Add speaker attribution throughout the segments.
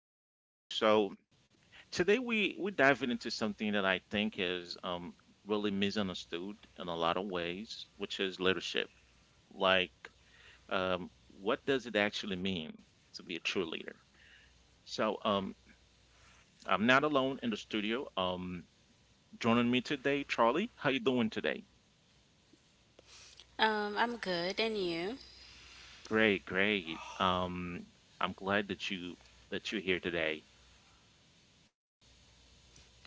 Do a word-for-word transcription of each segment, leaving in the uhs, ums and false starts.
Speaker 1: to the show. So today we we diving into something that I think is um really misunderstood in a lot of ways, which is leadership. Like um what does it actually mean to be a true leader? So um I'm not alone in the studio. Um joining me today, Charlie. How you doing today?
Speaker 2: Um, I'm good, and you?
Speaker 1: Great, great. Um I'm glad that you that you're here today.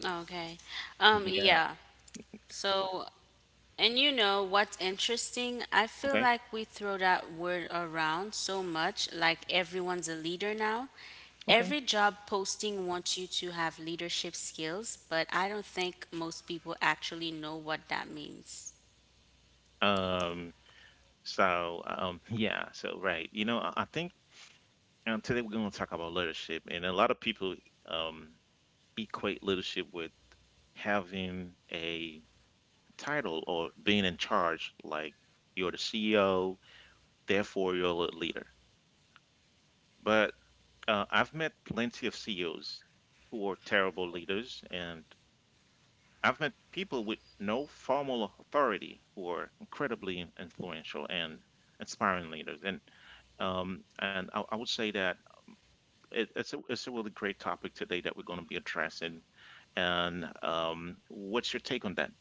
Speaker 2: Okay. Um,
Speaker 1: Yeah.
Speaker 2: yeah. So, and you know what's interesting? I feel
Speaker 1: Okay.
Speaker 2: like we throw that word around so much, like everyone's a leader now.
Speaker 1: Okay.
Speaker 2: Every job posting wants you to have leadership skills, but I don't think most people actually know what that means.
Speaker 1: Um So, um, yeah, so right. You know, I I think um, today we're going to talk about leadership, and a lot of people um, equate leadership with having a title or being in charge, like you're the C E O, therefore you're a leader. But uh, I've met plenty of C E Os who are terrible leaders, and I've met people with no formal authority who are incredibly influential and inspiring leaders. And um, and I, I would say that it, it's a it's a really great topic today that we're going to be addressing. And um, what's your take on that?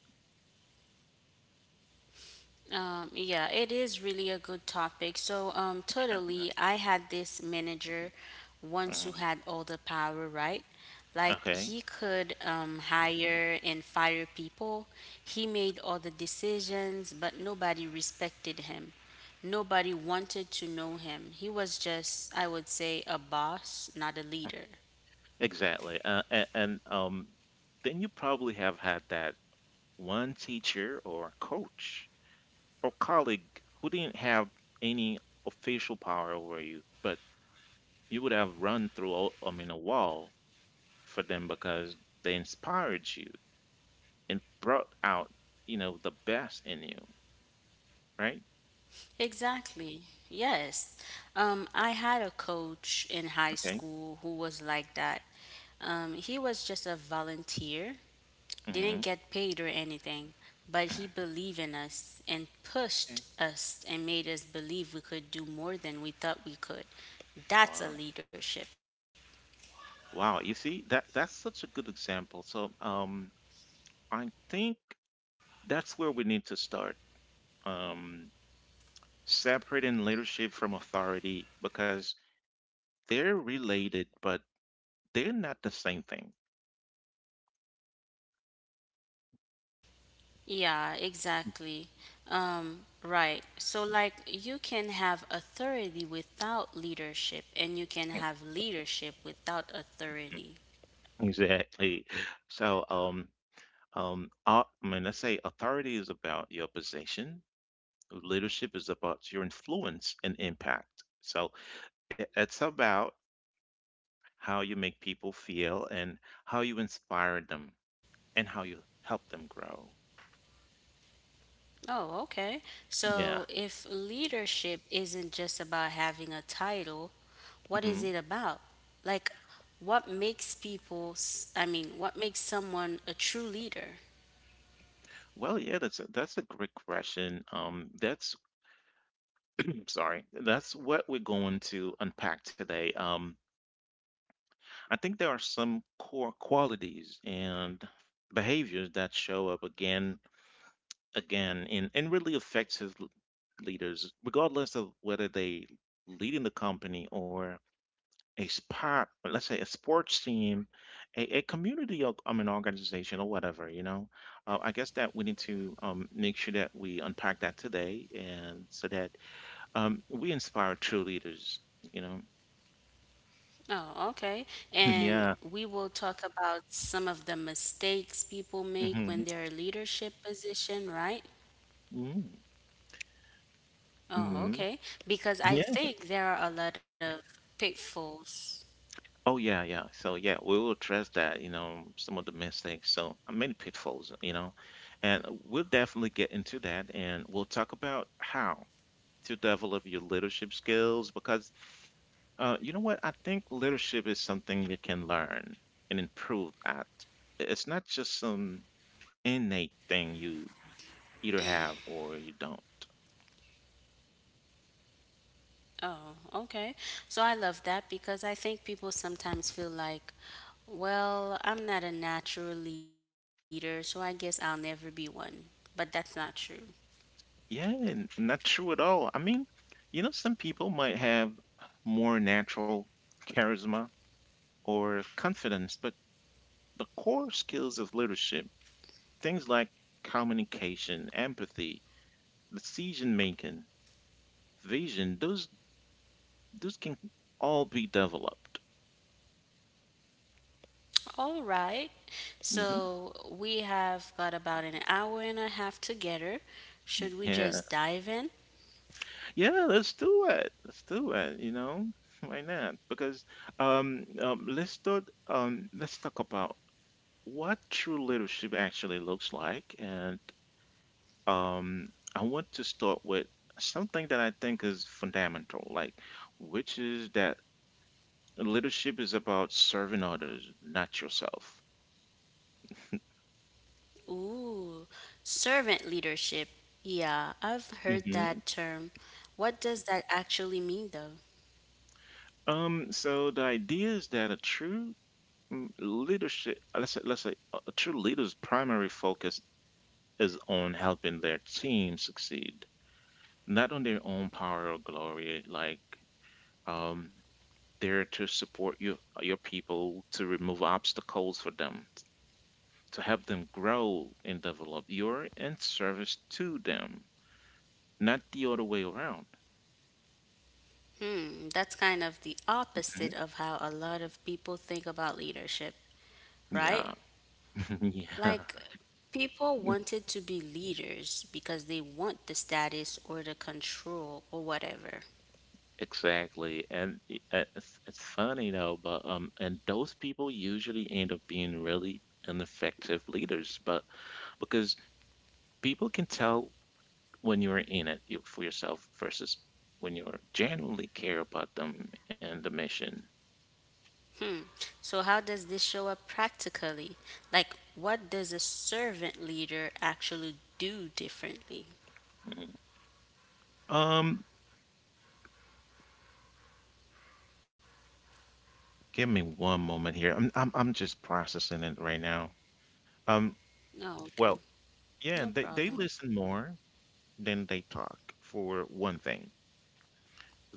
Speaker 2: Um, yeah, it is really a good topic. So, um, totally, I had this manager once who
Speaker 1: Mhm.
Speaker 2: had all the power, right? Like,
Speaker 1: Okay,
Speaker 2: he could um, hire and fire people, he made all the decisions, but nobody respected him. Nobody wanted to know him. He was just, I would say, a boss, not a leader.
Speaker 1: exactly. Uh, and, and um, Then you probably have had that one teacher or coach or colleague who didn't have any official power over you, but you would have run through all, I mean a wall for them because they inspired you and brought out you know the best in you, right?
Speaker 2: Exactly. Yes. Um, I had a coach in high
Speaker 1: Okay.
Speaker 2: school who was like that. Um, he was just a volunteer, didn't
Speaker 1: Mm-hmm.
Speaker 2: get paid or anything, but he believed in us and pushed us and made us believe we could do more than we thought we could. That's a
Speaker 1: Okay.
Speaker 2: leadership.
Speaker 1: Wow, you see that that's such a good example. So, um, I think that's where we need to start. Um, Separating leadership from authority because they're related, but they're not the same thing.
Speaker 2: Yeah, exactly. Um, right. So, like, you can have authority without leadership, and you can have leadership without authority.
Speaker 1: Exactly. So, um, um, au- I mean, let's say authority is about your position, leadership is about your influence and impact. So, it, it's about how you make people feel and how you inspire them. And how you help them grow.
Speaker 2: Oh, okay.
Speaker 1: Yeah.
Speaker 2: So if leadership isn't just about having a title, what is
Speaker 1: Mhm.
Speaker 2: it about? Like, what makes people, s- I mean, what makes someone a true leader?
Speaker 1: Well, yeah, that's a that's a great question. Um, that's I'm sorry. That's what we're going to unpack today. Um, I think there are some core qualities and behaviors that show up again, again, in and really effective l- leaders, regardless of whether they lead in the company or a spot, let's say a sports team, a, a community, or, um, an organization or whatever, you know. Uh, I guess that we need to um, make sure that we unpack that today and so that um, we inspire true leaders, you know.
Speaker 2: Oh, okay. And
Speaker 1: Yeah.
Speaker 2: we will talk about some of the mistakes people make
Speaker 1: Hmm.
Speaker 2: when they're in leadership position, right? Oh,
Speaker 1: Mm-hmm.
Speaker 2: okay. Because I
Speaker 1: Yeah.
Speaker 2: think there are a lot of pitfalls.
Speaker 1: Oh, yeah, yeah. So, yeah, we will address that, you know, some of the mistakes. So, uh, many pitfalls, you know, and we'll definitely get into that, and we'll talk about how to develop your leadership skills because uh, you know what? I think leadership is something you can learn and improve at. It's not just some innate thing you either have or you don't.
Speaker 2: Oh, okay. So I love that because I think people sometimes feel like, well, I'm not a natural leader, so I guess I'll never be one. But that's not true.
Speaker 1: Yeah, and not true at all. I mean, you know, some people might have more natural charisma or confidence, but the core skills of leadership, things like communication, empathy, decision making, vision, those those can all be developed.
Speaker 2: All right.
Speaker 1: Hmm.
Speaker 2: So we have got about an hour and a half together. Should we
Speaker 1: Yeah,
Speaker 2: just dive in?
Speaker 1: yeah. Let's do it. Let's do it. You know, why not? Because um, um, let's talk. Um, let's talk about what true leadership actually looks like, and um, I want to start with something that I think is fundamental, like which is that leadership is about serving others, not yourself.
Speaker 2: Ooh, servant leadership. Yeah, I've heard
Speaker 1: Hmm.
Speaker 2: that term. What does that actually mean, though?
Speaker 1: Um, so the idea is that a true Mm, Leadership, let's say, let's say a a true leader's primary focus is on helping their team succeed, not on their own power or glory. Like, um, they're to support your your people, to remove obstacles for them, to help them grow and develop. You're in service to them, not the other way around.
Speaker 2: Hmm, that's kind of the
Speaker 1: Mhm.
Speaker 2: opposite of how a lot of people think about leadership, right?
Speaker 1: Yeah, yeah.
Speaker 2: Like, people wanted to be leaders because they want the status or the control or whatever.
Speaker 1: Exactly. And i- uh, it's, it's funny though, but um, and those people usually end up being really ineffective leaders, but because people can tell when you're in it you- for yourself versus when you're genuinely care about them and the mission.
Speaker 2: So, how does this show up practically? Like, what does a servant leader actually do differently?
Speaker 1: Mhm. Um, Give me one moment here. I'm I'm I'm just processing it right now. Um,
Speaker 2: No, okay.
Speaker 1: well, yeah,
Speaker 2: No
Speaker 1: they they
Speaker 2: problem.
Speaker 1: listen more than they talk for one thing.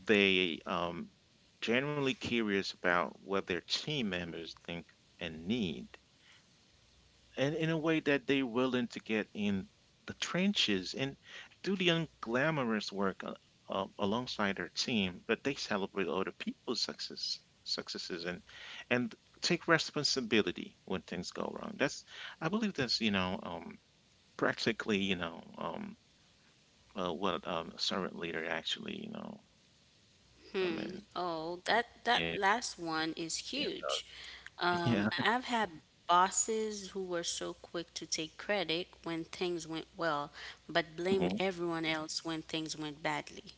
Speaker 1: They um, generally curious about what their team members think and need, and in a way that they're willing to get in the trenches and do the unglamorous work uh, uh, alongside their team, but they celebrate other people's success, successes, and and take responsibility when things go wrong. That's I believe that's, you know um, practically, you know um, uh, what um, a servant leader actually, you know. I
Speaker 2: Hmm.
Speaker 1: mean
Speaker 2: Oh, that that
Speaker 1: yeah
Speaker 2: last one is
Speaker 1: yeah
Speaker 2: huge.
Speaker 1: yeah.
Speaker 2: Um, I've had bosses who were so quick to take credit when things went well, but blame everyone else when things went badly.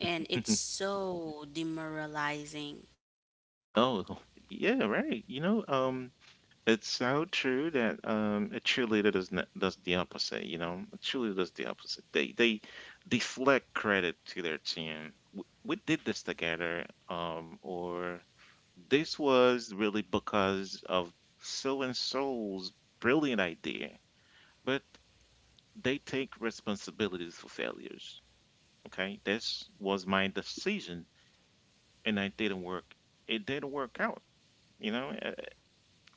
Speaker 2: And it's
Speaker 1: Mhm.
Speaker 2: so demoralizing.
Speaker 1: Oh, yeah, right. You know, um, it's so true that um, a cheerleader does not, does the opposite. You know, a cheerleader does the opposite. They they deflect credit to their team. W- We did this together, um, or this was really because of so and so's brilliant idea. But they take responsibilities for failures. Okay, this was my decision, and I didn't work. It didn't work out. You know,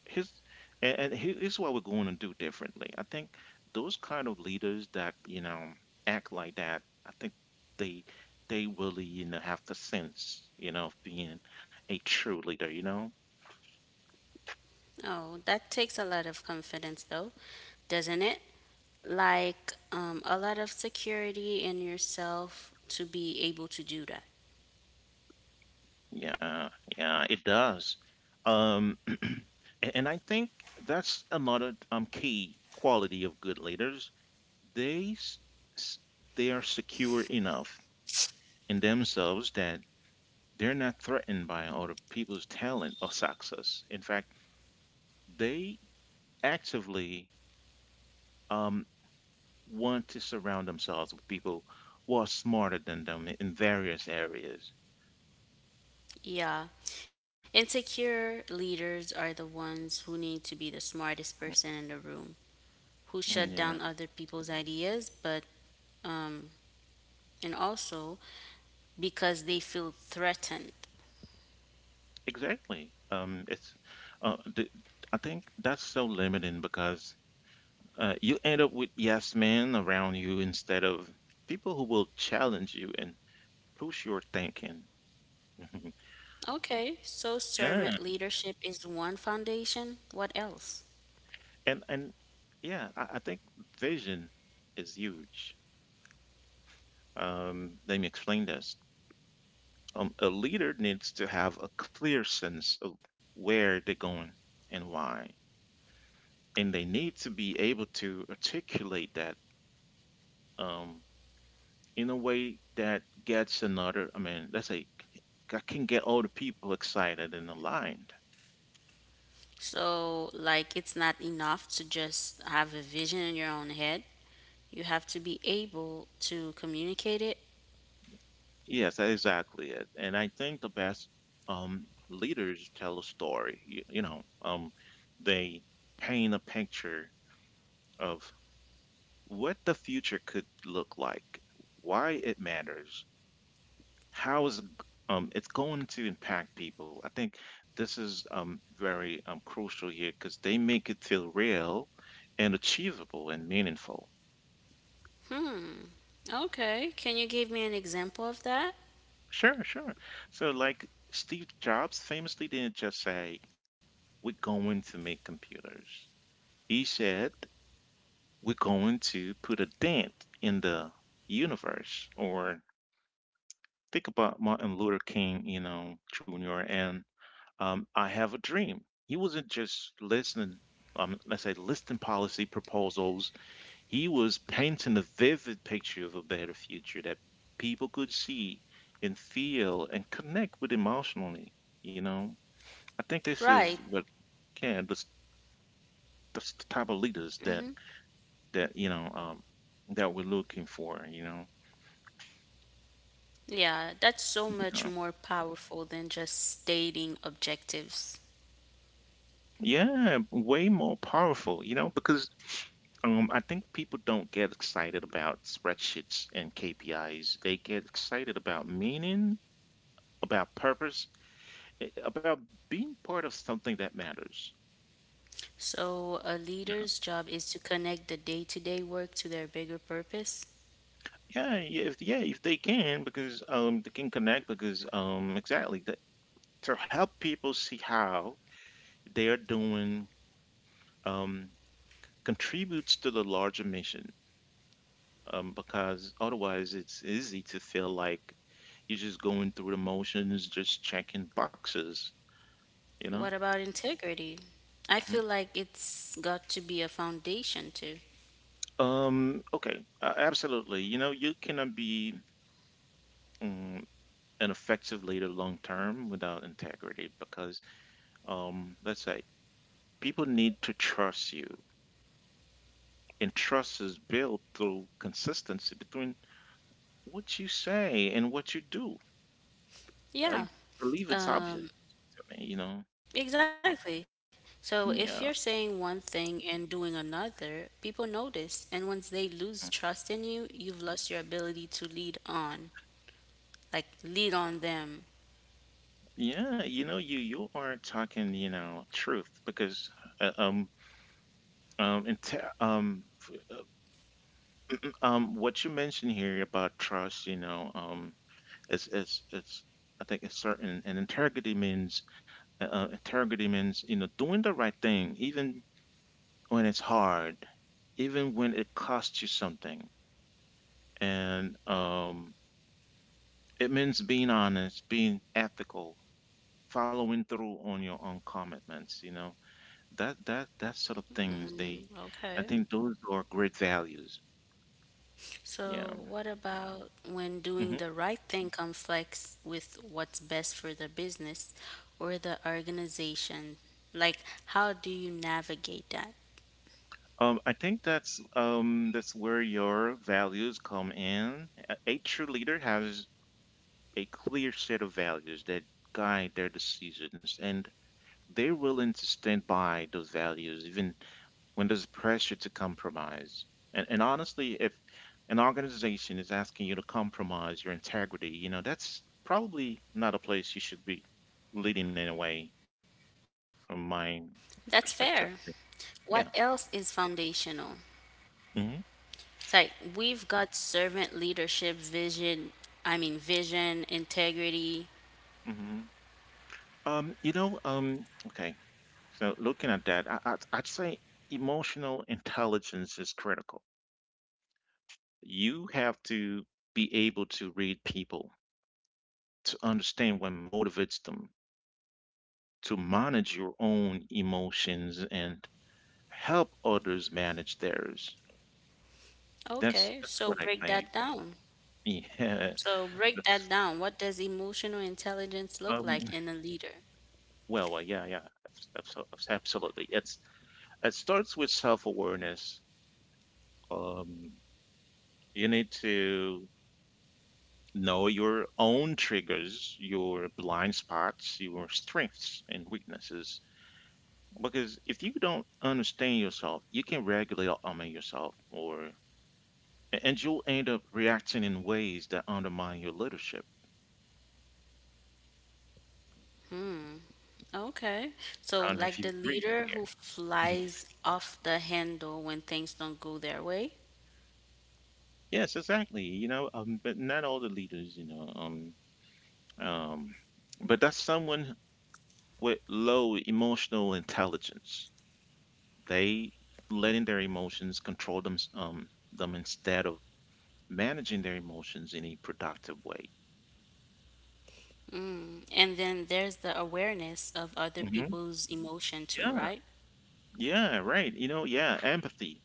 Speaker 1: here's and, and here- here's what we're going to do differently. I think those kind of leaders that, you know, act like that, I think they they really, you know, have the sense, you know, of being a true leader. You know,
Speaker 2: Oh, that takes a lot of confidence though, doesn't it? Like um, a lot of security in yourself to be able to do that.
Speaker 1: yeah, yeah, it does. Um, a- and I think that's another um key quality of good leaders. They s- s- they are secure enough in themselves that they're not threatened by other people's talent or success. In fact, they actively um want to surround themselves with people who are smarter than them in various areas.
Speaker 2: Yeah. Insecure leaders are the ones who need to be the smartest person in the room, who shut down other people's ideas, but, um, and also because they feel threatened.
Speaker 1: Exactly. Um, it's, uh, the, I think that's so limiting because uh, you end up with yes men around you instead of people who will challenge you and push your thinking.
Speaker 2: Okay, so
Speaker 1: Yeah,
Speaker 2: servant leadership is one foundation. What else?
Speaker 1: and and yeah, I, I think vision is huge. Um, let me explain this. Um, a leader needs to have a clear sense of where they're going and why, and they need to be able to articulate that. Um, in a way that gets another, I mean, let's say I can get all the people excited and aligned.
Speaker 2: So, like, it's not enough to just have a vision in your own head. You have to be able to communicate it.
Speaker 1: Yes, that's exactly it. And I think the best um, leaders tell a story. You, you know, um, they paint a picture of what the future could look like, why it matters, how is it g- um, it's going to impact people. I think this is um, very um, crucial here because they make it feel real and achievable and meaningful.
Speaker 2: Hmm. Okay. Can you give me an example of that?
Speaker 1: Sure, sure. So, like Steve Jobs famously didn't just say, "We're going to make computers." He said, "We're going to put a dent in the universe." Or think about Martin Luther King, you know, Junior, and um, I Have a Dream. He wasn't just listening, um, let's say, listing policy proposals. He was painting a vivid picture of a better future that people could see and feel and connect with emotionally, you know. I think this is
Speaker 2: Right.
Speaker 1: what can this this the type of leaders that,
Speaker 2: hmm
Speaker 1: that you know um that we're looking for. You know,
Speaker 2: Yeah, that's so much
Speaker 1: yeah,
Speaker 2: more powerful than just stating objectives.
Speaker 1: yeah, way more powerful. You know, because um I think people don't get excited about spreadsheets and K P Is. They get excited about meaning, about purpose, a- about being part of something that matters.
Speaker 2: So, a
Speaker 1: Yeah,
Speaker 2: leader's job is to connect the day to day work to their bigger purpose.
Speaker 1: yeah, if yeah, if they can, because um, they can connect because um, exactly that, to help people see how they are doing um, contributes to the larger mission, um, because otherwise it's easy to feel like you're just going through the motions, just checking boxes, you know?
Speaker 2: What about integrity? I
Speaker 1: Mhm.
Speaker 2: feel like it's got to be a foundation too.
Speaker 1: Um, okay, uh, Absolutely. You know, you cannot be um, an effective leader long term without integrity because, um, let's say, people need to trust you. And trust is built through consistency between what you say and what you do. I
Speaker 2: Yeah,
Speaker 1: believe it's obvious
Speaker 2: um,
Speaker 1: to me, you know.
Speaker 2: exactly. So, if you're
Speaker 1: Yeah.
Speaker 2: saying one thing and doing another, people notice. And once they lose trust in you, you've lost your ability to lead on, like, lead on them.
Speaker 1: Yeah, you know, you you are talking, you know, truth because uh, um um and te- um f- uh, um what you mentioned here about trust, you know, um is is it's I think it's certain, and integrity means, uh, uh, integrity means, you know, doing the right thing even when it's hard, even when it costs you something, and um it means being honest, being ethical, following through on your own commitments, you know, that that that sort of things.
Speaker 2: Mm,
Speaker 1: They
Speaker 2: okay.
Speaker 1: I think those are great values. Yeah.
Speaker 2: So, what about when doing
Speaker 1: Hmm.
Speaker 2: the right thing conflicts with what's best for the business or the organization? Like, how do you navigate that?
Speaker 1: um I think that's um that's where your values come in. A, a true leader has a clear set of values that guide their decisions, and they're willing to stand by those values even when there's pressure to compromise. And, and honestly, if an organization is asking you to compromise your integrity, you know, that's probably not a place you should be leading in a way, from my
Speaker 2: That's
Speaker 1: perspective.
Speaker 2: fair. What
Speaker 1: Yeah.
Speaker 2: else is foundational?
Speaker 1: Hmm.
Speaker 2: It's like we've got servant leadership, vision, I mean, vision, integrity.
Speaker 1: Hmm. Um, you know, um, okay. So looking at that, I, I'd, I'd say emotional intelligence is critical. You have to be able to read people to understand what motivates them, to manage your own emotions and help others manage theirs. That's
Speaker 2: Okay,
Speaker 1: that's
Speaker 2: so
Speaker 1: what I
Speaker 2: break
Speaker 1: think.
Speaker 2: that down.
Speaker 1: Yeah.
Speaker 2: So, break
Speaker 1: That's,
Speaker 2: that down. What does emotional intelligence look
Speaker 1: um,
Speaker 2: like in a leader?
Speaker 1: well, well, yeah, yeah. abs- abso- abs- Absolutely. It's it starts with self-awareness. Um, you need to know your own triggers, your blind spots, your strengths and weaknesses. Because if you don't understand yourself, you can regulate, I mean, yourself or A- and you'll end up reacting in ways that undermine your leadership.
Speaker 2: Hmm. Okay. So,
Speaker 1: I don't know if
Speaker 2: like
Speaker 1: you
Speaker 2: the
Speaker 1: agree.
Speaker 2: leader who flies off the handle when things don't go their way.
Speaker 1: Yes, exactly. You know, um, but not all the leaders, you know, um, um, but that's someone with low emotional intelligence. They letting their emotions control them, um, them instead of managing their emotions in a productive way.
Speaker 2: Mm. And then there's the awareness of other
Speaker 1: Hmm.
Speaker 2: people's emotion too,
Speaker 1: Yeah.
Speaker 2: right?
Speaker 1: Yeah, right. You know, yeah, empathy,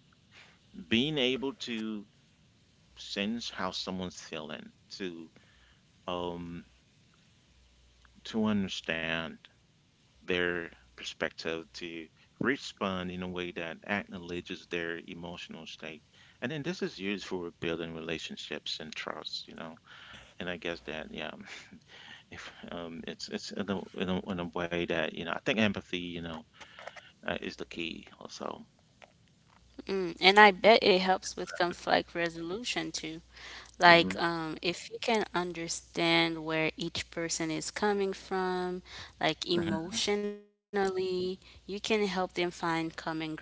Speaker 1: being able to sense how someone's feeling, to um to understand their perspective, to respond in a way that acknowledges their emotional state. And then this is used for building relationships and trust, you know. And I guess that, yeah, if um, it's it's in a, in a in a way that you know, I think empathy, you know, uh, is the key also.
Speaker 2: Mm. And I bet it helps with
Speaker 1: Empathy.
Speaker 2: conflict resolution too. Like,
Speaker 1: Mhm,
Speaker 2: um, if you can understand where each person is coming from, like
Speaker 1: mhm.
Speaker 2: emotionally, you can help them find common ground.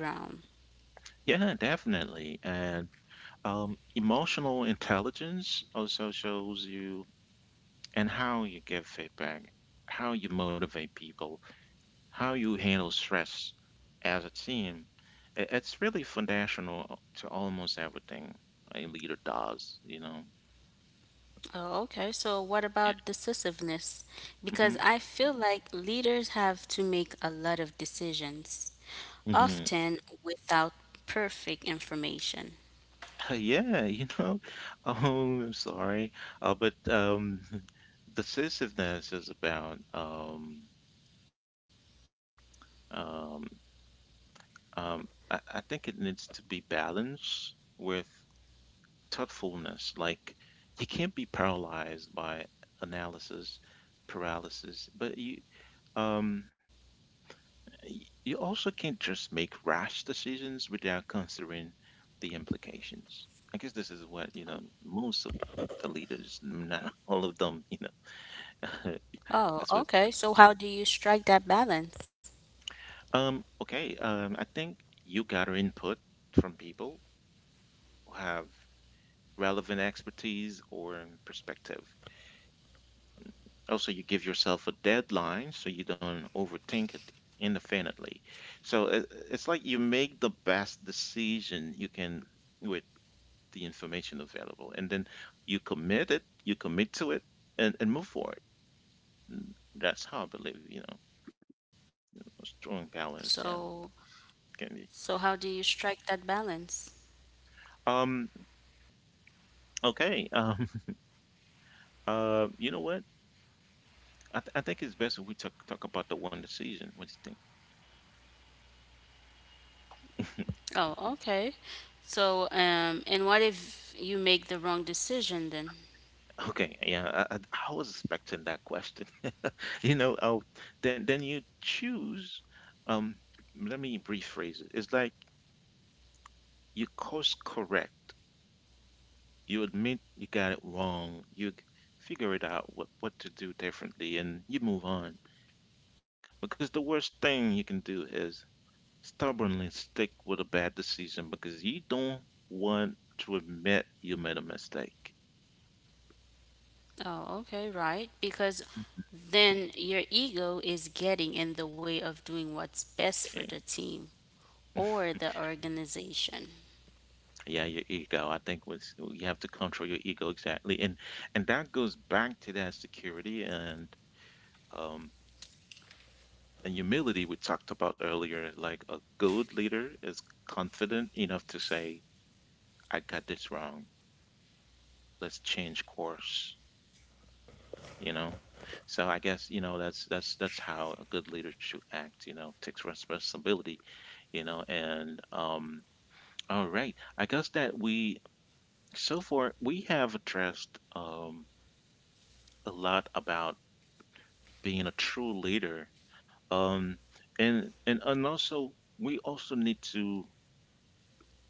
Speaker 1: Yeah, definitely. And um, emotional intelligence also shows you and how you give feedback, how you motivate people, how you handle stress as a team. I- It's really foundational uh, to almost everything a leader does, you know.
Speaker 2: Oh, okay. So, what about decisiveness?
Speaker 1: Yeah. Hmm.
Speaker 2: Because I feel like leaders have to make a lot of decisions,
Speaker 1: Hmm.
Speaker 2: often without perfect information.
Speaker 1: Yeah, you know. Oh, I'm sorry. Uh, but um, decisiveness is about um, um, um, I, I think it needs to be balanced with thoughtfulness. Like you can't be paralyzed by analysis paralysis, but you um y- you also can't just make rash decisions without considering the implications. I guess this is what, you know, most of the leaders, not all of them, you know,
Speaker 2: Oh,
Speaker 1: that's what.
Speaker 2: okay. So, how do you strike that balance?
Speaker 1: Um, okay, um, I think you gather input from people who have relevant expertise or perspective. Also, you give yourself a deadline so you don't overthink it indefinitely. So it, it's like you make the best decision you can with the information available, and then you commit it, you commit to it, and, and move forward. Mm, that's how I believe, you know, a strong balance, yeah,
Speaker 2: So,
Speaker 1: can be.
Speaker 2: so how do you strike that balance?
Speaker 1: Um, okay. Um, uh, you know what? I, th I think it's best if we talk talk about the one decision. What do you think?
Speaker 2: Oh, okay. So, um, and what if you make the wrong decision then?
Speaker 1: Okay, yeah, I, I I was expecting that question. You know, oh, then then you choose. Um, Let me rephrase it. It's like you course correct. You admit you got it wrong. You g- figure it out what what to do differently, and you move on. Because the worst thing you can do is stubbornly stick with a bad decision because you don't want to admit you made a mistake.
Speaker 2: Oh, okay, right. Because then your ego is getting in the way of doing what's best for the team or
Speaker 1: Yeah.
Speaker 2: the organization.
Speaker 1: Yeah, your ego, I think, was you have to control your ego, exactly. and and that goes back to that security and um and humility we talked about earlier. Like a good leader is confident enough to say I got this wrong, let's change course, you know. So I guess, you know, that's that's that's how a good leader should act, you know, takes responsibility, you know and um all right, I guess that we so far we have addressed um a lot about being a true leader. Um, and and and also we also need to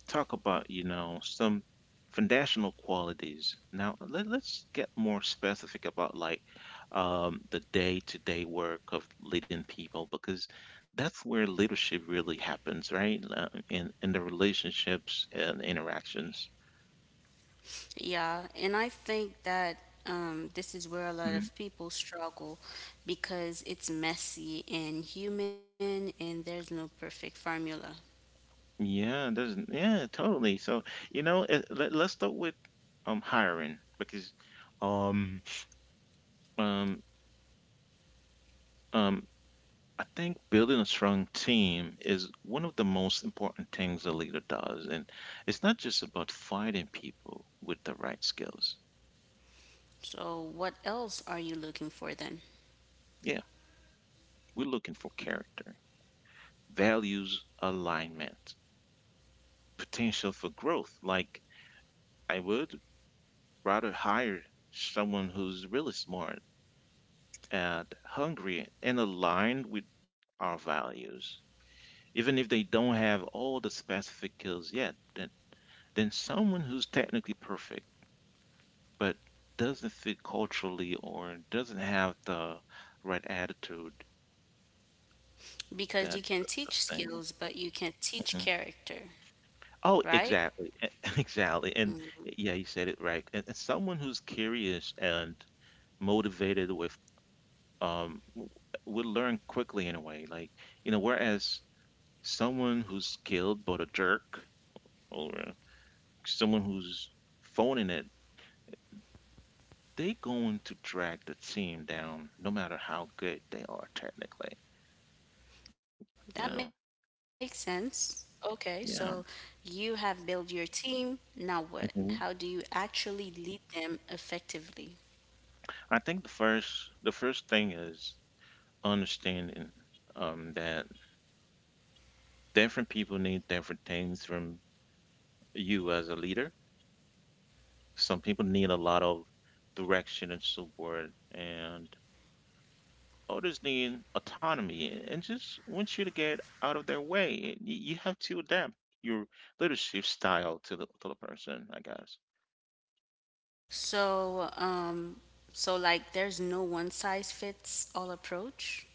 Speaker 1: talk about, you know, some foundational qualities. Now let, let's get more specific about like um, the day-to-day work of leading people because that's where leadership really happens, right? Uh, In in the relationships and interactions.
Speaker 2: Yeah, and I think that um, this is where a lot of people struggle because it's messy and human and there's no perfect formula.
Speaker 1: Yeah, it doesn't yeah, totally. So, you know, eh, let, let's start with um hiring because um um um I think building a strong team is one of the most important things a leader does, and it's not just about finding people with the right skills.
Speaker 2: So, what else are you looking for then?
Speaker 1: Yeah, we're looking for character, values alignment, potential for growth. Like I would rather hire someone who's really smart and hungry and aligned with our values, even if they don't have all the specific skills yet, then then someone who's technically perfect but doesn't fit culturally or doesn't have the right attitude,
Speaker 2: Because
Speaker 1: that
Speaker 2: you can
Speaker 1: sort of
Speaker 2: teach
Speaker 1: things.
Speaker 2: skills, but you can't teach
Speaker 1: Mhm.
Speaker 2: character,
Speaker 1: Oh,
Speaker 2: right?
Speaker 1: exactly, exactly, and yeah,
Speaker 2: Mm,
Speaker 1: you said it right. And, and someone who's curious and motivated with um w- would learn quickly in a way. Like, you know, whereas someone who's skilled but a jerk or uh, someone who's phoning it, they going to drag the team down no matter how good they are technically. You know?
Speaker 2: that makes sense. Okay,
Speaker 1: Yeah.
Speaker 2: so you have built your team. Now what?
Speaker 1: Hmm.
Speaker 2: How do you actually lead them effectively?
Speaker 1: I think the first The first thing is understanding um that different people need different things from you as a leader. Some people need a lot of direction and support, and others need autonomy and just want you to get out of their way. Y- You have to adapt your leadership style to the, to the person, I guess.
Speaker 2: So, um, so like there's no one size fits all approach.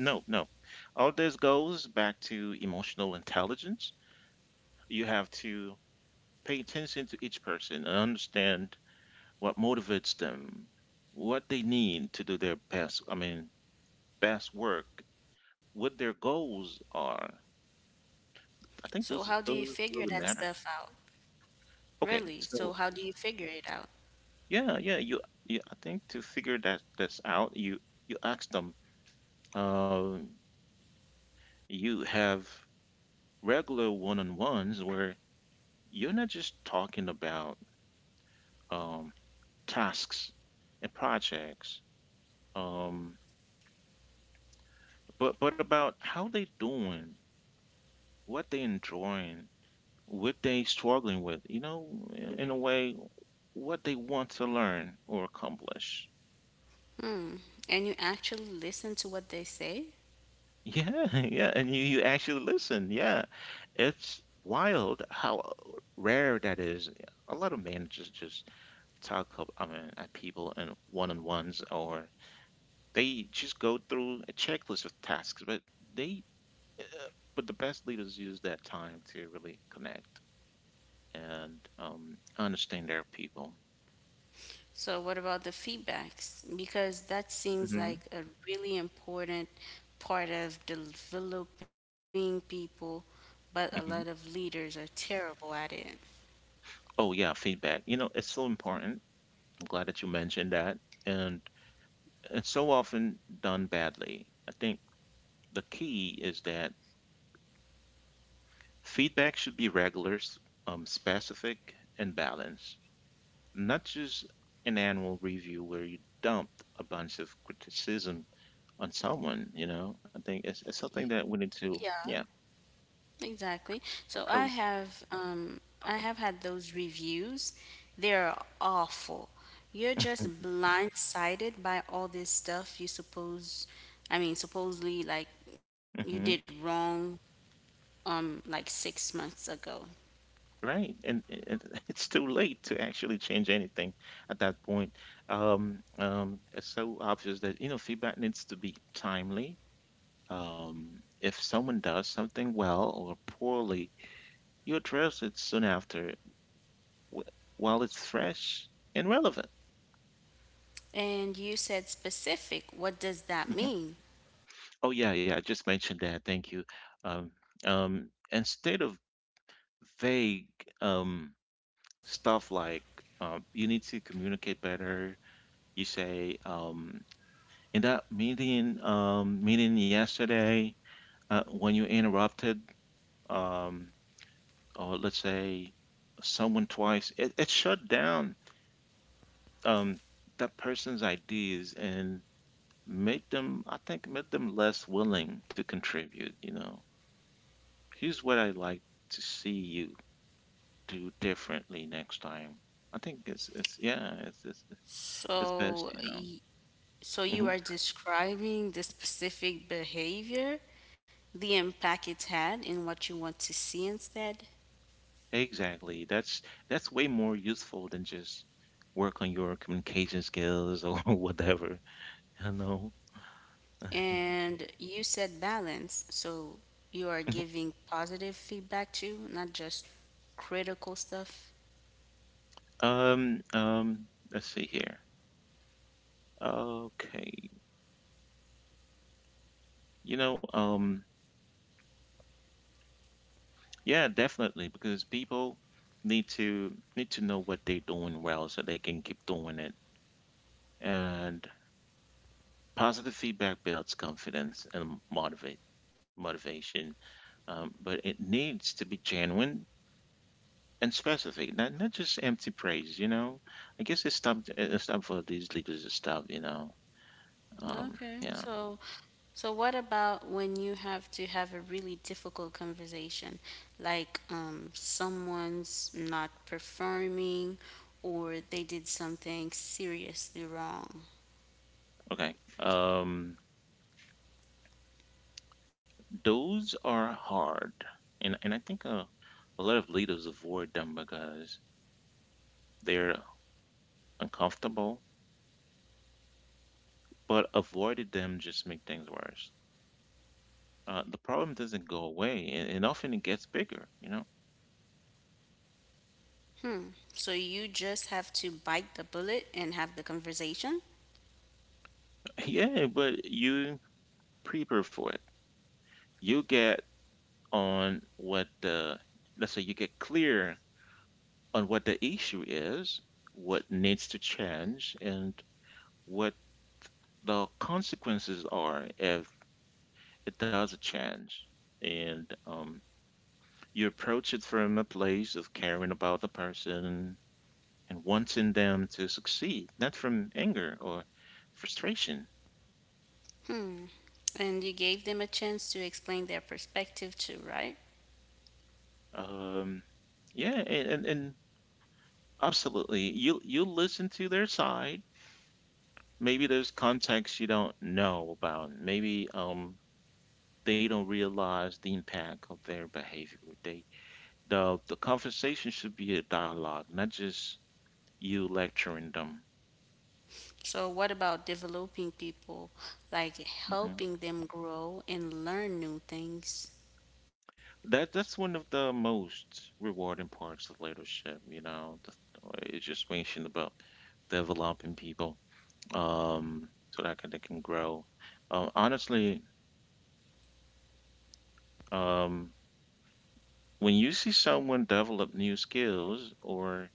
Speaker 1: No, no. All this goes back to emotional intelligence. You have to pay attention to each person and understand what motivates them, what they need to do their best, I mean, best work, what their goals are.
Speaker 2: So
Speaker 1: I
Speaker 2: how do
Speaker 1: think
Speaker 2: you
Speaker 1: those
Speaker 2: figure
Speaker 1: those
Speaker 2: that
Speaker 1: really
Speaker 2: stuff
Speaker 1: matter.
Speaker 2: out? Really?
Speaker 1: Okay,
Speaker 2: So how
Speaker 1: so
Speaker 2: do you figure it out?
Speaker 1: yeah, yeah. You, you. I think to figure that that's out, you you ask them. Um, you have regular one-on-ones where you're not just talking about um tasks and projects, um, but but about how they doing, what they enjoying, what they struggling with. You know, in, in a way, what they want to learn or accomplish.
Speaker 2: Hmm. And you actually listen to what they say?
Speaker 1: Yeah, yeah, and you you actually listen. Yeah, it's wild how rare that is. A lot of managers just talk up, I mean, at people in one-on-ones, or they just go through a checklist of tasks. But they, uh, but the best leaders use that time to really connect and um, understand their people.
Speaker 2: So what about the feedbacks? Because that seems like
Speaker 1: Hmm.
Speaker 2: a really important part of developing people, but a lot of
Speaker 1: Hmm.
Speaker 2: leaders are terrible at it.
Speaker 1: Oh yeah, feedback. You know, it's so important. I'm glad that you mentioned that. And it's so often done badly. I think the key is that feedback should be regular, um, specific, and balanced, not just an annual review where you dump a bunch of criticism on someone. You know, I think it's, it's something that we need to,
Speaker 2: Yeah.
Speaker 1: yeah,
Speaker 2: Exactly. So I
Speaker 1: approach
Speaker 2: have um I have had those reviews. They're awful. You're
Speaker 1: on.
Speaker 2: just blindsided by all this stuff you suppose I mean supposedly like you did
Speaker 1: Hmm.
Speaker 2: wrong um like six months ago.
Speaker 1: Right, and it, it's too late to actually change anything at that point. Um, um, it's so obvious that you know feedback needs to be timely. Um, if someone does something well or poorly, you address it soon after wh- while it's fresh and relevant.
Speaker 2: And you said specific. What does that
Speaker 1: Mhm.
Speaker 2: mean?
Speaker 1: Oh, yeah, yeah, I just mentioned that. Thank you. Um, um, Instead of vague um, stuff like um, you need to communicate better, you say, um, in that meeting, um, meeting yesterday, uh, when you interrupted, um, or let's say someone twice, it, it shut down um, that person's ideas and made them, I think, made them less willing to contribute. You know, here's what I like to see you do differently next time. I think it's it's yeah, it's it's, it's best.
Speaker 2: So
Speaker 1: You
Speaker 2: y-
Speaker 1: know.
Speaker 2: so
Speaker 1: Hmm.
Speaker 2: you are describing the specific behavior, the impact it had and what you want to see instead.
Speaker 1: Exactly. That's that's way more useful than just work on your communication skills or whatever. You know.
Speaker 2: And you said balance, so you are giving positive feedback too, not just critical stuff.
Speaker 1: Um, um, let's see here. Okay. You know, um, yeah, definitely, because people need to need to know what they're doing well so they can keep doing it. And positive feedback builds confidence and motivate motivation. Um, but it needs to be genuine and specific, not not just empty praise, you know. I guess it's time to- it's time for these leaders to stop, you know. Um,
Speaker 2: Okay.
Speaker 1: yeah.
Speaker 2: So so what about when you have to have a really difficult conversation, like um someone's not performing or they did something seriously wrong?
Speaker 1: Okay. Um, those are hard. And and I think uh, a lot of leaders avoid them because they're uncomfortable, but avoided them just make things worse. Uh, the problem doesn't go away, and, and often it gets bigger, you know?
Speaker 2: Hmm. So you just have to bite the bullet and have the conversation?
Speaker 1: Yeah, but you prepare for it. You get on what the, Let's say you get clear on what the issue is, what needs to change, and what the consequences are if it doesn't change. And um, you approach it from a place of caring about the person, and wanting them to succeed, not from anger or frustration.
Speaker 2: Hmm. And you gave them a chance to explain their perspective too, right?
Speaker 1: Um, yeah, and, and, and absolutely, you you listen to their side. Maybe there's context you don't know about. Maybe um they don't realize the impact of their behavior. They the the conversation should be a dialogue, not just you lecturing them.
Speaker 2: So, what about developing people, like
Speaker 1: Mm-hmm.
Speaker 2: helping them grow and learn new things?
Speaker 1: That that's one of the most rewarding parts of leadership, you know, the, it's just mentioned about developing people, um, so that can, they can grow. Uh, honestly, um, when you see someone develop new skills or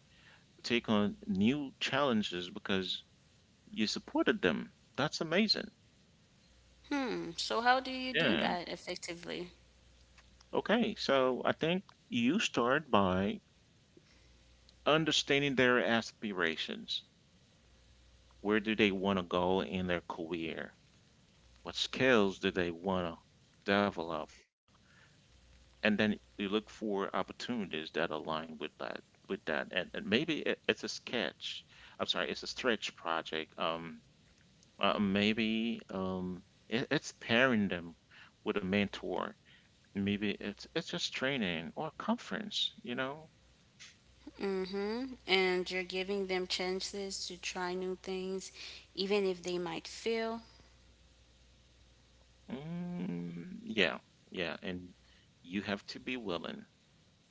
Speaker 1: take on new challenges because you supported them, that's amazing.
Speaker 2: Hmm. So, how do you do
Speaker 1: Yeah.
Speaker 2: that effectively?
Speaker 1: Okay. So I think you start by understanding their aspirations. Where do they want to go in their career? What skills do they want to develop? And then you look for opportunities that align with that with that and, and maybe it, it's a sketch I'm sorry it's a stretch project um uh, maybe um it, it's pairing them with a mentor, maybe it's it's just training or conference you know
Speaker 2: Mm-hmm. And you're giving them chances to try new things, even if they might fail.
Speaker 1: mm, Yeah, yeah, and you have to be willing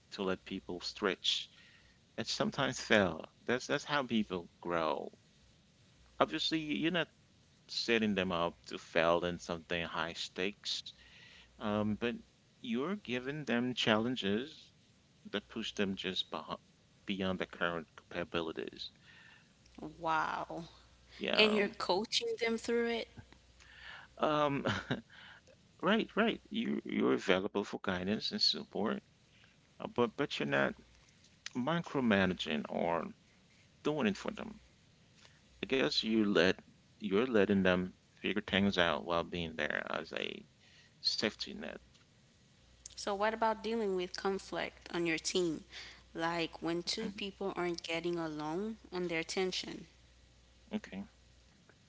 Speaker 1: to let people stretch and sometimes fail that's that's how people grow. Obviously you're not setting them up to fail in something high stakes, um, but you're giving them challenges that push them just behi- beyond their current capabilities.
Speaker 2: Wow. And
Speaker 1: Yeah.
Speaker 2: you're coaching them through it.
Speaker 1: Um, right, right. You you're available for guidance and support, uh, but but you're not micromanaging or doing it for them. I guess you let you're letting them figure things out while being there as a safety net.
Speaker 2: So, what about dealing with conflict on your team? Like when two
Speaker 1: Mhm.
Speaker 2: people aren't getting along on their tension?
Speaker 1: Okay.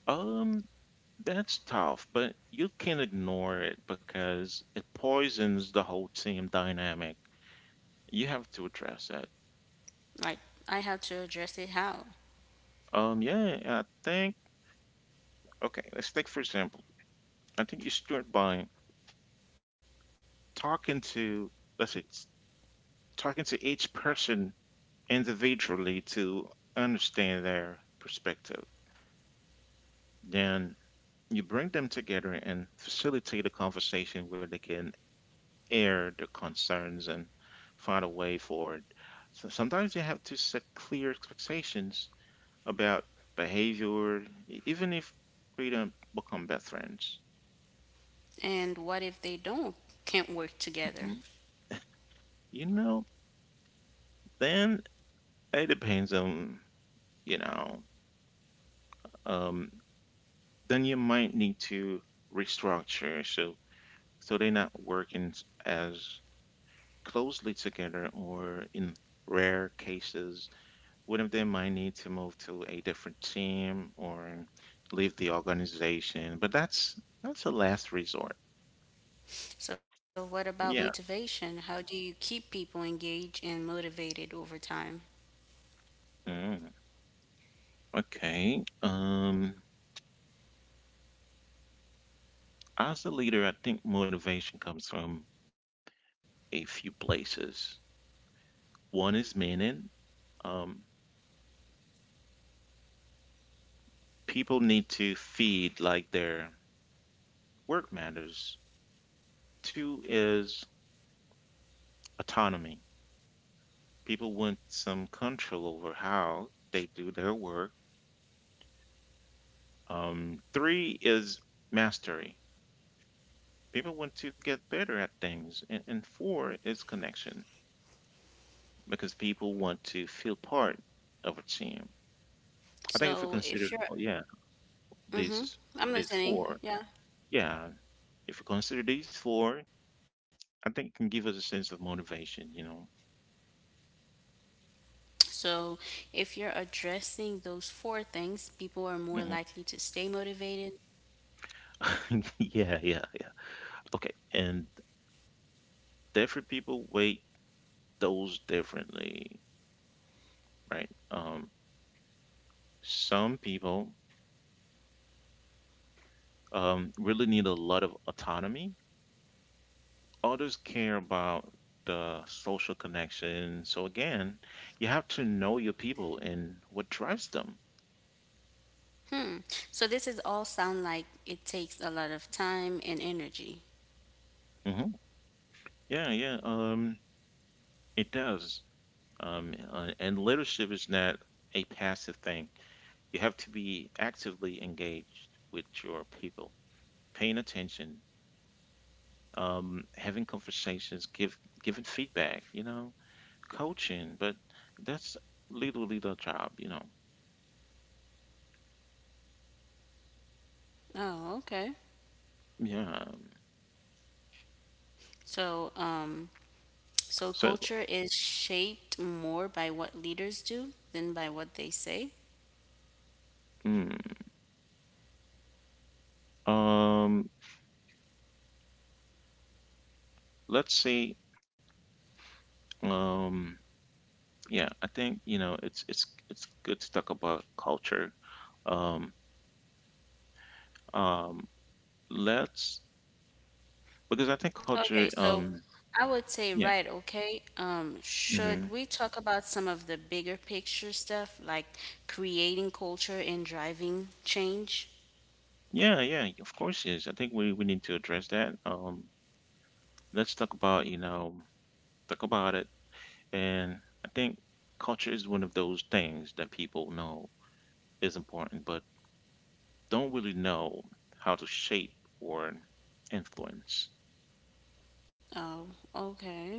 Speaker 1: Um, that's tough, but you can't ignore it because it poisons the whole team dynamic. You have to address that.
Speaker 2: Like, I had to address it how?
Speaker 1: Um, yeah, I think, okay, let's take for example. I think you start by talking to, let's say, s- talking to each person individually to understand their perspective. Then you bring them together and facilitate a conversation where they can air their concerns and find a way forward. So sometimes you have to set clear expectations about behavior, e- even if we don't become best friends.
Speaker 2: And what if they don't can't work together?
Speaker 1: Mhm. You know, then it depends on, you know, um, then you might need to restructure so so they're not working s- as closely together, or in rare cases one of them might need to move to a different team or leave the organization, but that's that's a last resort.
Speaker 2: So what about
Speaker 1: Yeah.
Speaker 2: motivation? How do you keep people engaged and motivated over time?
Speaker 1: Mm, okay. Um, as a leader, I think motivation comes from a few places. One is meaning. Um, People need to feed like their work matters. Two is autonomy. People want some control over how they do their work. Um, three is mastery, people want to get better at things. And, and four is connection because people want to feel part of a team. I think if we
Speaker 2: So
Speaker 1: consider,
Speaker 2: if you're
Speaker 1: oh yeah,
Speaker 2: mhm,
Speaker 1: these
Speaker 2: I'm
Speaker 1: these
Speaker 2: listening.
Speaker 1: four,
Speaker 2: Yeah.
Speaker 1: yeah, if we consider these four, I think it can give us a sense of motivation. You know.
Speaker 2: So, if you're addressing those four things, people are more likely to stay
Speaker 1: Mhm.
Speaker 2: motivated.
Speaker 1: Yeah, yeah, yeah. Okay, and different people weight those differently, right? Um, some people um really need a lot of autonomy, others care about the social connection. So again, you have to know your people and what drives them.
Speaker 2: Hmm. So this is all sound like it takes a lot of time and energy.
Speaker 1: Hmm. Yeah, yeah, um, it does. Um, uh, and leadership is not a passive thing. You have to be actively engaged with your people, paying attention, um, having conversations, give giving feedback, you know, coaching. But that's literally the job, you know.
Speaker 2: Oh, okay.
Speaker 1: Yeah.
Speaker 2: So, um, So
Speaker 1: So,
Speaker 2: culture is shaped more by what leaders do than by what they say.
Speaker 1: mm. Um, let's see. Um, yeah, I think you know it's it's it's good to talk about culture. Um, um, let's Because I think culture.
Speaker 2: Okay, so
Speaker 1: Um,
Speaker 2: I would say,
Speaker 1: yeah.
Speaker 2: right, okay, um, Should
Speaker 1: Hmm.
Speaker 2: we talk about some of the bigger picture stuff like creating culture and driving change?
Speaker 1: Yeah, yeah. Of course, yes. I think we we need to address that. Um, let's talk about you know talk about it, and I think culture is one of those things that people know is important, but don't really know how to shape or influence.
Speaker 2: Oh, okay.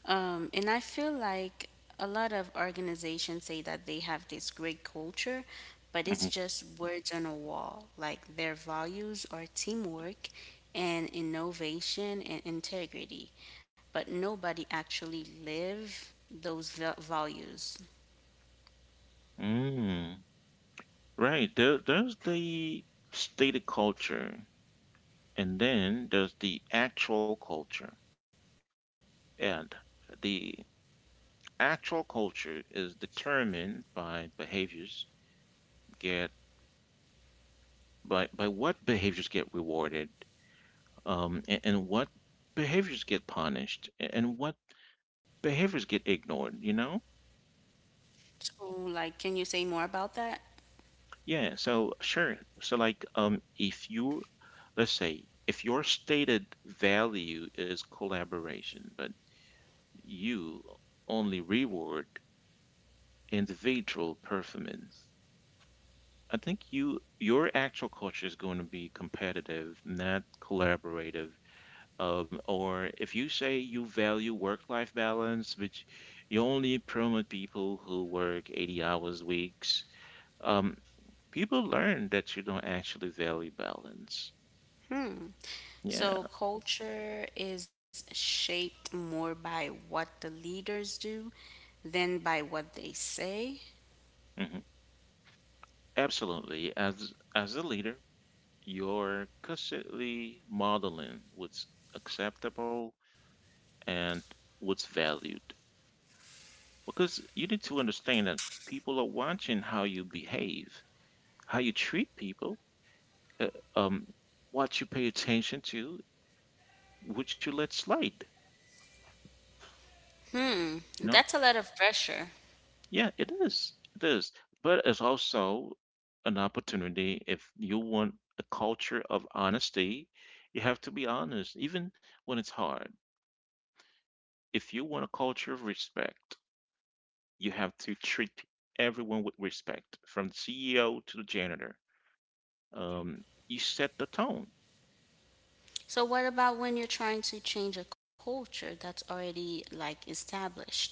Speaker 2: Um, and I feel like a lot of organizations say that they have this great culture, but it's just words on a wall. Like their values are teamwork and innovation and integrity, but nobody actually live those va- values.
Speaker 1: Hmm. Right. There, there's the stated culture, and then there's the actual culture. And the actual culture is determined by behaviors get by by what behaviors get rewarded, um, and, and what behaviors get punished, a- and what behaviors get ignored. You know?
Speaker 2: So, like, can you say more about that?
Speaker 1: Yeah. So sure. So like, um, if you let's say if your stated value is collaboration, but you only reward individual performance. I think you your actual culture is going to be competitive, not collaborative. Um, or if you say you value work-life balance, which you only promote people who work eighty hours weeks, um, people learn that you don't actually value balance.
Speaker 2: Hmm.
Speaker 1: Yeah,
Speaker 2: So culture is shaped more by what the leaders do than by what they say.
Speaker 1: mhm. Absolutely. As as a leader, you're constantly modeling what's acceptable and what's valued. Because you need to understand that people are watching how you behave, how you treat people, uh, um, what you pay attention to, what you let slide.
Speaker 2: Hmm.
Speaker 1: You know?
Speaker 2: That's a lot of pressure.
Speaker 1: Yeah, it is. It is. But it's also an opportunity, if you want a culture of honesty, you have to be honest, even when it's hard. If you want a culture of respect, you have to treat everyone with respect, from the C E O to the janitor. Um, you set the tone.
Speaker 2: So what about when you're trying to change a culture that's already like established?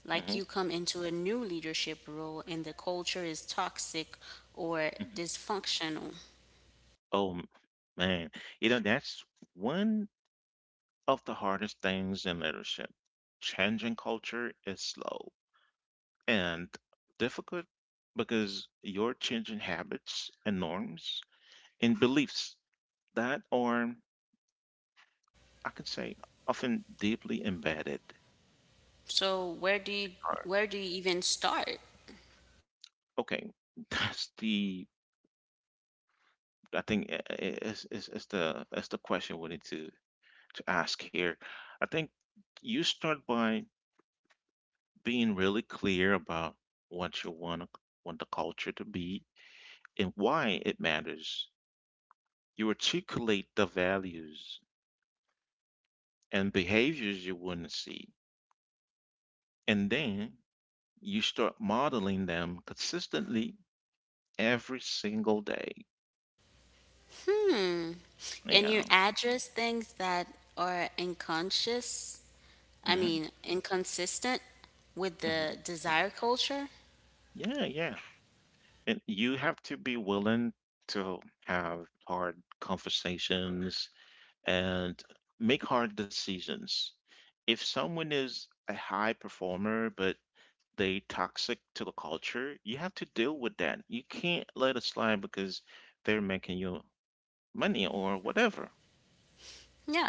Speaker 2: Like
Speaker 1: Hmm.
Speaker 2: you come into a new leadership role and the culture is toxic or dysfunctional.
Speaker 1: Oh m- Man, you know that's one of the hardest things in leadership. Changing culture is slow and difficult because you're changing habits and norms and beliefs that are, I can say, often deeply embedded.
Speaker 2: So where do you
Speaker 1: Or-
Speaker 2: where do you even start?
Speaker 1: Okay, that's the I think i- i- is is is the is the question we need to to ask here. I think you start by being really clear about what you want want the culture to be and why it matters. You articulate the values and behaviors you want to see, and then you start modeling them consistently every single day.
Speaker 2: Hmm. And you
Speaker 1: Yeah.
Speaker 2: address things that are unconscious, I
Speaker 1: Hmm.
Speaker 2: mean, inconsistent with
Speaker 1: Hmm.
Speaker 2: the desire culture?
Speaker 1: Yeah. Yeah. And you have to be willing to have hard conversations and make hard decisions. If someone is a high performer but they toxic to the culture, you have to deal with that. You can't let it slide because they're making you money or whatever.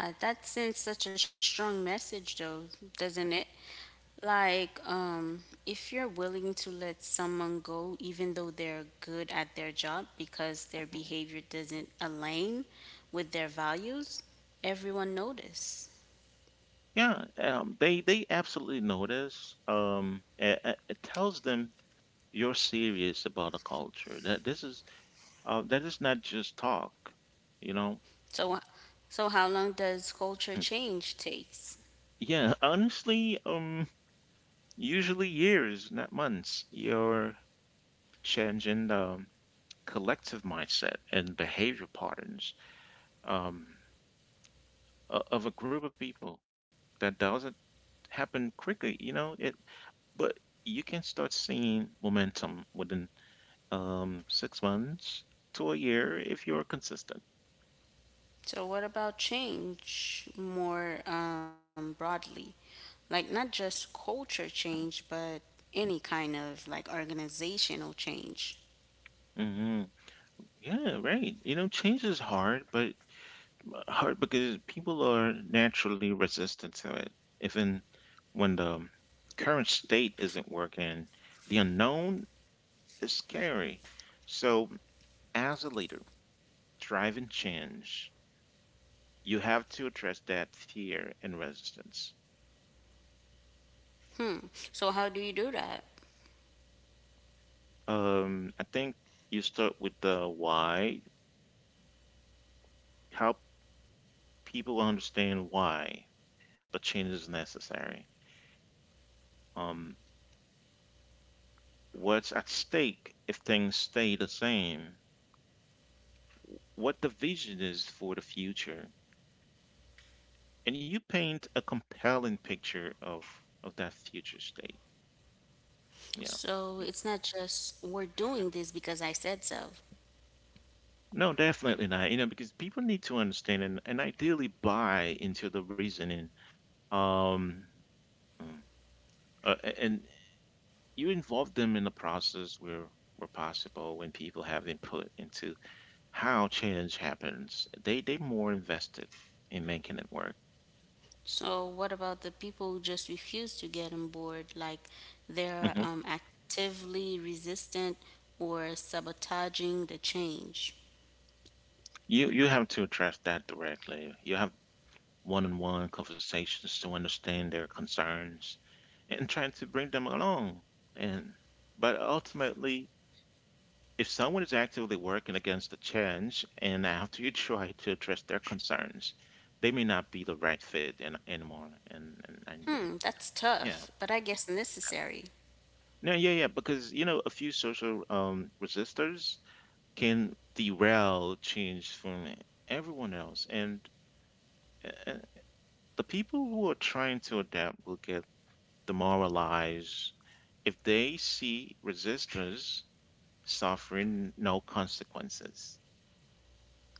Speaker 2: Yeah, that sends such a strong message though, doesn't it? Like, um, if you're willing to let someone go even though they're good at their job because their
Speaker 1: Mhm.
Speaker 2: behavior doesn't align with their values, everyone notice.
Speaker 1: Yeah, um, they they absolutely notice. Um, it, it tells them you're serious about a culture. That this is Uh, that is not just talk, you know.
Speaker 2: So so how long does culture change takes?
Speaker 1: Yeah, honestly, um, usually years, not months. You're changing the collective mindset and behavior patterns, um, o- of a group of people. That doesn't happen quickly, you know. It, but you can start seeing momentum within um, six months to a year if you're consistent.
Speaker 2: So, what about change more um, broadly? Like, not just culture change, but any kind of like organizational change.
Speaker 1: Hmm. Yeah, right. You know, change is hard, but hard because people are naturally resistant to it. Even when the current state isn't working, the unknown is scary. So, as a leader, driving change, you have to address that fear and resistance.
Speaker 2: Hmm. So, how do you do that?
Speaker 1: Um, I think you start with the why, help people understand why the change is necessary. Um, what's at stake if things stay the same? What the vision is for the future. And you paint a compelling picture of of that future state. Yeah.
Speaker 2: So, it's not just we're doing this because I said so.
Speaker 1: No, definitely not. You know, because people need to understand and, and ideally buy into the reasoning. Um, mm, uh, a- and you involve them in the process where where possible, when people have input into how change happens. They they more invested in making it work.
Speaker 2: So, what about the people who just refuse to get on board? Like, they're
Speaker 1: Mhm.
Speaker 2: um, actively resistant or sabotaging the change.
Speaker 1: You you have to address that directly. You have one-on-one conversations to understand their concerns and trying to bring them along. And but ultimately, if someone is actively working against the change, and after you try to address their concerns, they may not be the right fit an anymore. And and, and
Speaker 2: Hmm, that's
Speaker 1: yeah,
Speaker 2: tough, but I guess necessary.
Speaker 1: no, yeah, yeah, because you know a few social um, resistors can derail change from everyone else, and, and the people who are trying to adapt will get demoralized if they see resistors suffering no consequences.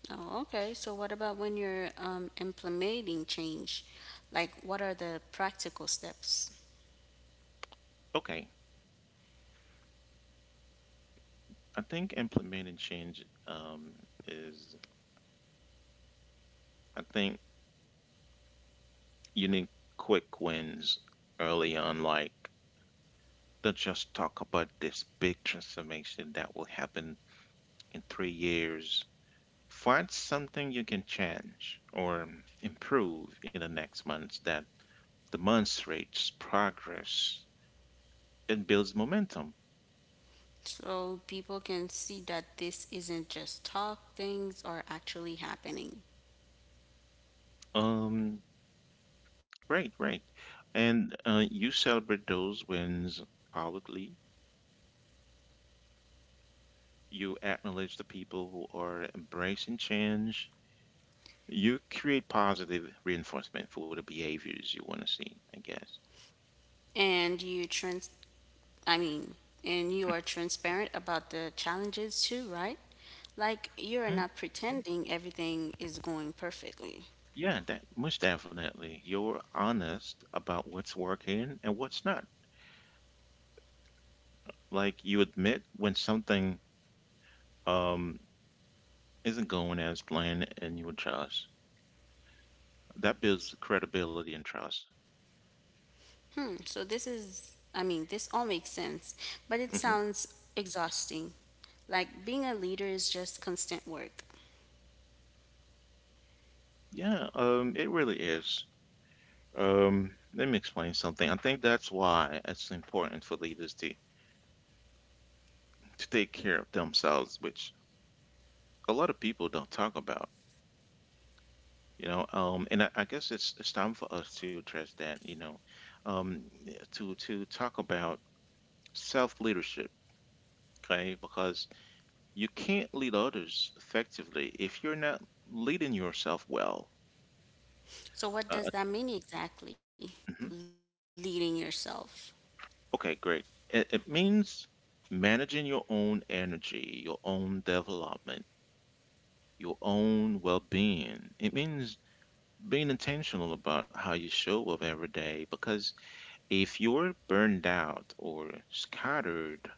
Speaker 2: Oh, okay. So what about when you're um, implementing change? Like, what are the practical steps?
Speaker 1: Okay, I think implementing change um, is, I think you need quick wins early on, like don't just talk about this big transformation that will happen in three years. Find something you can change or improve in the next months that demonstrates progress. It builds momentum.
Speaker 2: So people can see that this isn't just talk, things are actually happening.
Speaker 1: Um, right, right. And uh, you celebrate those wins publicly. You acknowledge the people who are embracing change. You create positive reinforcement for the behaviors you want to see, I guess.
Speaker 2: And you trans I mean, and you are transparent about the challenges too, right? Like you're
Speaker 1: Mm,
Speaker 2: not pretending everything is going perfectly.
Speaker 1: Yeah, that most definitely. You're honest about what's working and what's not. Like you admit when something um isn't going as planned and you adjust. That builds credibility and trust.
Speaker 2: Hmm, so this is I mean, This all makes sense, but it
Speaker 1: Hmm.
Speaker 2: sounds exhausting. Like being a leader is just constant work.
Speaker 1: Yeah, um, it really is. Um, let me explain something. I think that's why it's important for leaders to to take care of themselves, which a lot of people don't talk about. You know, um, and I, I guess it's it's time for us to address that. You know, um, to to talk about self leadership, okay? Because you can't lead others effectively if you're not leading yourself well.
Speaker 2: So,
Speaker 1: Uh,
Speaker 2: what does that mean exactly?
Speaker 1: mhm.
Speaker 2: Leading yourself.
Speaker 1: Okay, great. It, it means managing your own energy, your own development, your own well being. It means being intentional about how you show up every day because if you're burned out or scattered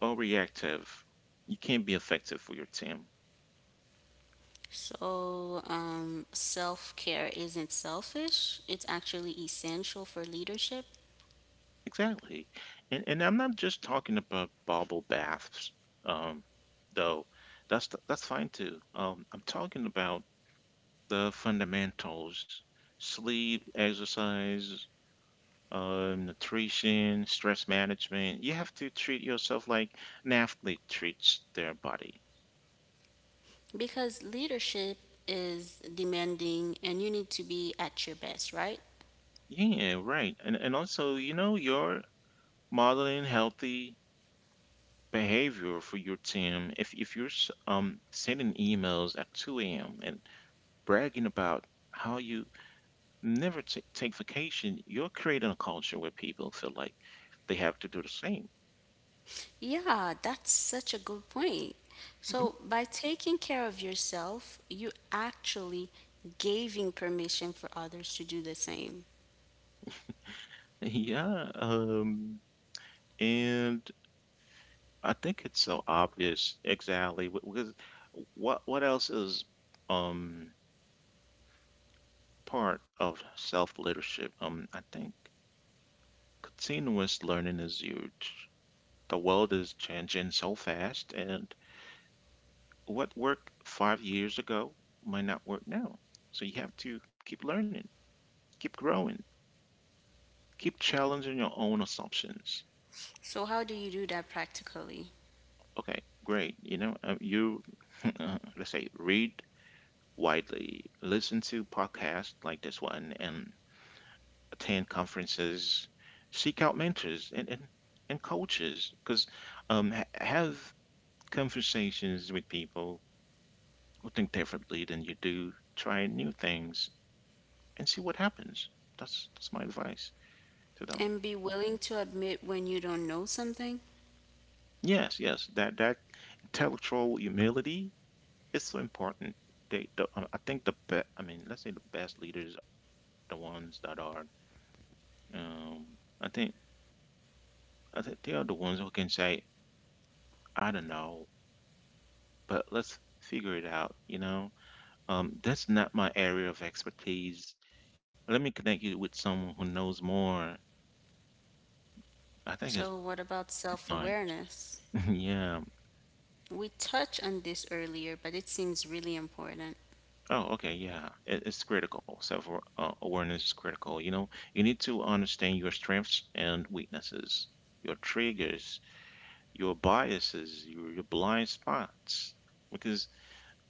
Speaker 1: or reactive, you can't be effective for your team.
Speaker 2: So, um, self care isn't selfish, it's actually essential for leadership
Speaker 1: Exactly. And, and I'm not just talking about bubble baths, um, though. That's, that's fine too. Um, I'm talking about the fundamentals: sleep, exercise, um, nutrition, stress management. You have to treat yourself like an athlete treats their body.
Speaker 2: because leadership is demanding and you need to be at your best, right?
Speaker 1: Yeah, right. And and also, you know, you're modeling healthy behavior for your team. If if you're s- um sending emails at two a m and bragging about how you never t- take vacation, you're creating a culture where people feel like they have to do the same.
Speaker 2: Yeah, that's such a good point.
Speaker 1: Mhm.
Speaker 2: So, by taking care of yourself, you actually giving permission for others to do the same.
Speaker 1: Yeah. Um. And I think it's so obvious exactly wh- because what what else is um part of self leadership? Um, I think continuous learning is huge. The world is changing so fast, and what worked five years ago might not work now. So you have to keep learning, keep growing, keep challenging your own assumptions.
Speaker 2: So, how do you do that practically?
Speaker 1: Okay, great. You know, uh, you let's say read widely, listen to podcasts like this one, and attend conferences, seek out mentors and and, and coaches because um ha- have conversations with people who think differently than you do. Try new things and see what happens. That's that's my advice to them.
Speaker 2: And be willing to admit when you don't know something?
Speaker 1: Yes, yes, that that intellectual humility is so important. They, the, I I think the be, I mean, let's say the best leaders are the ones that are, um, I think, I think they are the ones who can say, I don't know, but let's figure it out, you know? Um, that's not my area of expertise. Let me connect you with someone who knows more.
Speaker 2: So,
Speaker 1: I
Speaker 2: what
Speaker 1: think it's
Speaker 2: about self
Speaker 1: it's nice.
Speaker 2: awareness?
Speaker 1: Yeah.
Speaker 2: We touched on this earlier, but it seems really important.
Speaker 1: Oh, okay. Yeah. It, it's critical. Self uh, awareness is critical. You know, you need to understand your strengths and weaknesses, your triggers, your biases, your, your blind spots. Because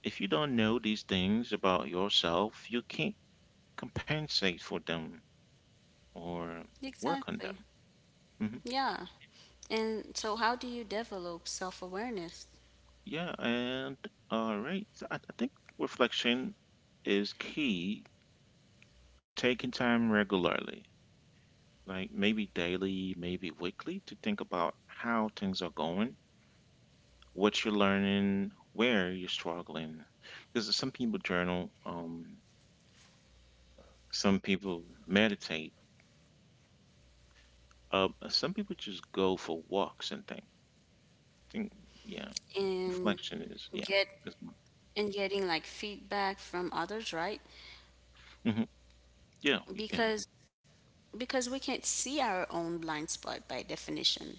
Speaker 1: if you don't know these things about yourself, you can't compensate for them or work on
Speaker 2: Exactly.
Speaker 1: them. Mm-hmm.
Speaker 2: Yeah. And so, how do you develop self awareness?
Speaker 1: Yeah, and all right. So I, I think reflection is key, taking time regularly, like maybe daily, maybe weekly, to think about how things are going, what you're learning, where you're struggling. Because some people journal, um, some people meditate, uh, some people just go for walks and think. think yeah,
Speaker 2: And
Speaker 1: reflection is, yeah.
Speaker 2: get
Speaker 1: That's one.
Speaker 2: and getting like feedback from others right
Speaker 1: Mhm. Yeah, you can.
Speaker 2: because because we can't see our own blind spot by definition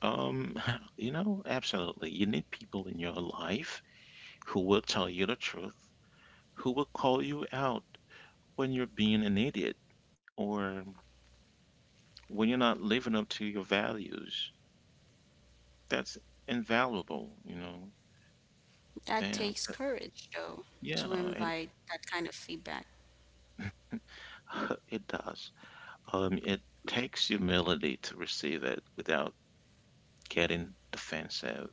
Speaker 1: Um, you know, absolutely. You need people in your life who will tell you the truth, who will call you out when you're being an idiot or when you're not living up to your values. That's invaluable, you know.
Speaker 2: that
Speaker 1: And uh,
Speaker 2: takes courage though to
Speaker 1: yeah, it
Speaker 2: invite that kind of feedback
Speaker 1: it does. Um, it takes humility to receive it without getting defensive,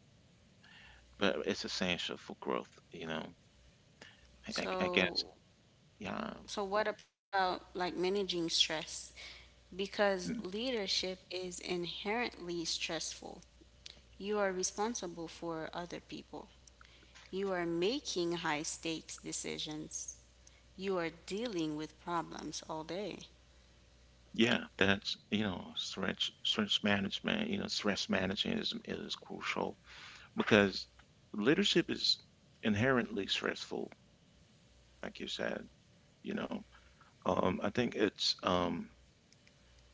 Speaker 1: but it's essential for growth, you know. I, I I guess,
Speaker 2: So,
Speaker 1: yeah.
Speaker 2: so what about like managing stress? Because leadership is inherently stressful. You are responsible for other people. You are making high stakes decisions. You are dealing with problems all day.
Speaker 1: Yeah, that's, you know, stretch stretch management, you know, stress management is is crucial because leadership is inherently stressful, like you said, you know. Um, I think it's um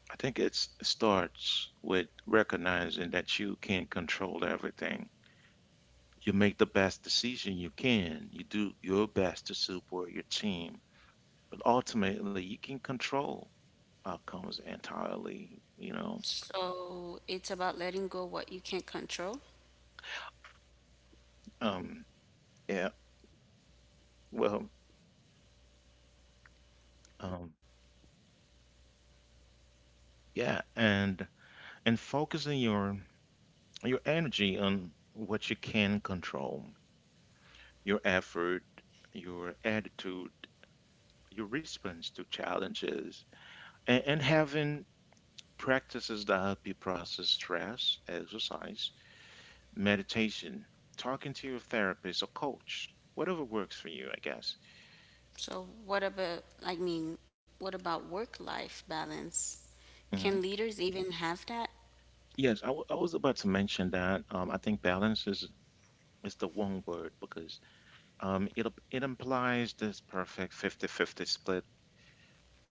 Speaker 1: I think it's it starts with recognizing that you can't control everything. You make the best decision you can. You do your best to support your team, but ultimately you can control outcomes entirely, you know.
Speaker 2: So it's about letting go what you can't control.
Speaker 1: Um yeah, Well, um, yeah, and and focusing your your energy on what you can control, your effort, your attitude, your response to challenges, and, and having practices that help you process stress, exercise, meditation, talking to your therapist or coach, whatever works for you, I guess.
Speaker 2: So what about I mean, what about work life balance? Can
Speaker 1: Hmm.
Speaker 2: leaders even have that?
Speaker 1: Yes, I, w- I was about to mention that. Um, I think balance is is the one word because Um, it it implies this perfect fifty fifty split,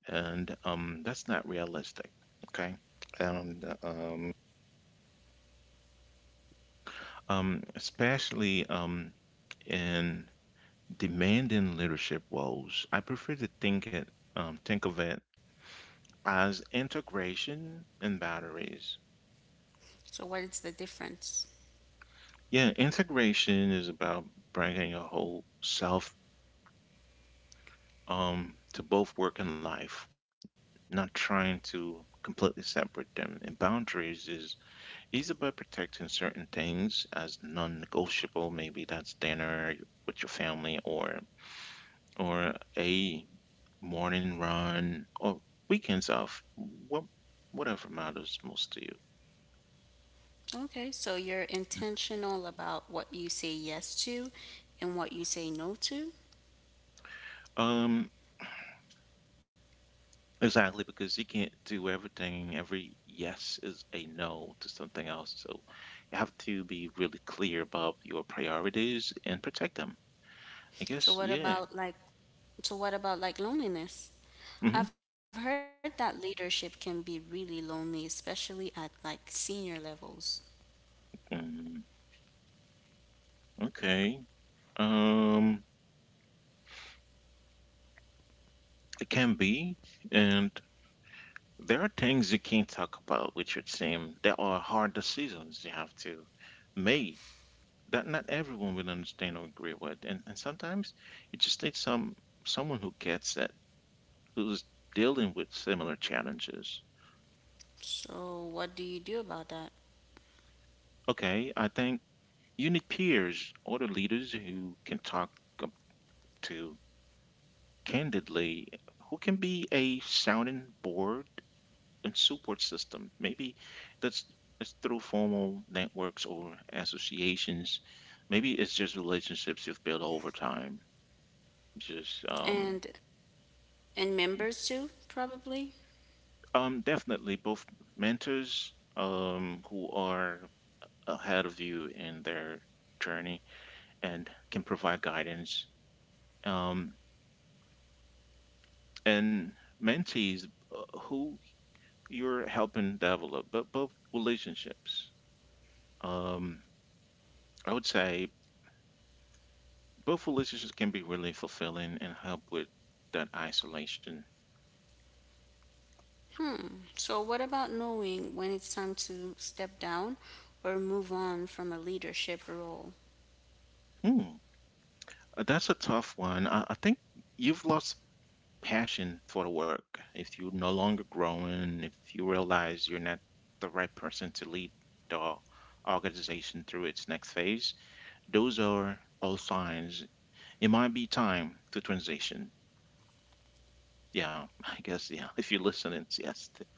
Speaker 1: and um, that's not realistic. Okay, and um, um, especially um, in demanding leadership roles, I prefer to think it um, think of it as integration and boundaries.
Speaker 2: So what is the difference?
Speaker 1: Yeah, integration is about bringing your whole self um, to both work and life, not trying to completely separate them. And boundaries is It's about protecting certain things as non-negotiable. Maybe that's dinner with your family or or a morning run or weekends off. What whatever matters most to you.
Speaker 2: Okay, so you're intentional about what you say yes to and what you say no to.
Speaker 1: Um, exactly because you can't do everything. Every yes is a no to something else. So you have to be really clear about your priorities and protect them. I
Speaker 2: So
Speaker 1: guess,
Speaker 2: what
Speaker 1: yeah.
Speaker 2: about like so what about like loneliness?
Speaker 1: hmm
Speaker 2: I've heard that leadership can be really lonely, especially at like senior levels.
Speaker 1: mm Okay. Um, it can be. And There are things you can't talk about with your team. There are hard decisions you have to make that not everyone will understand or agree with. And and sometimes you just need some someone who gets it, who's dealing with similar challenges.
Speaker 2: So what do you do about that?
Speaker 1: Okay, I think you need peers, other leaders who can talk up to candidly, who can be a sounding board and support system. Maybe that's it's through formal networks or associations. Maybe it's just relationships you've built over time. Just um,
Speaker 2: And and members too, probably.
Speaker 1: um, definitely both mentors um, who are ahead of you in their journey and can provide guidance, um, and mentees uh, who you're helping develop, but both relationships. Um, I would say Both relationships can be really fulfilling and help with that isolation.
Speaker 2: Hmm. So what about knowing when it's time to step down or move on from a leadership role?
Speaker 1: Hmm, uh, That's a tough one. I, I think you've lost passion for the work. If you're no longer growing, if you realize you're not the right person to lead the organization through its next phase, those are all signs. It might be time to transition. Yeah, I guess, yeah. If you're listening, yes, th-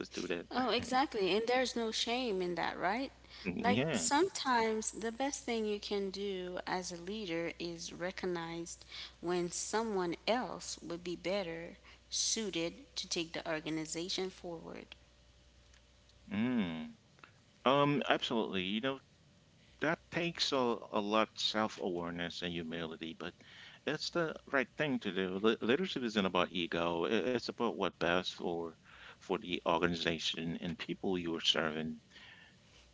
Speaker 1: let's do that.
Speaker 2: Oh, exactly. And there's no shame in that, right? Like
Speaker 1: Yeah.
Speaker 2: sometimes the best thing you can do as a leader is recognize when someone else would be better suited to take the organization forward.
Speaker 1: Mm. Um, absolutely. You know, that takes a, a lot self-awareness and humility but it's the right thing to do Li- Leadership isn't about ego i- it's about what best for for the organization and people you're serving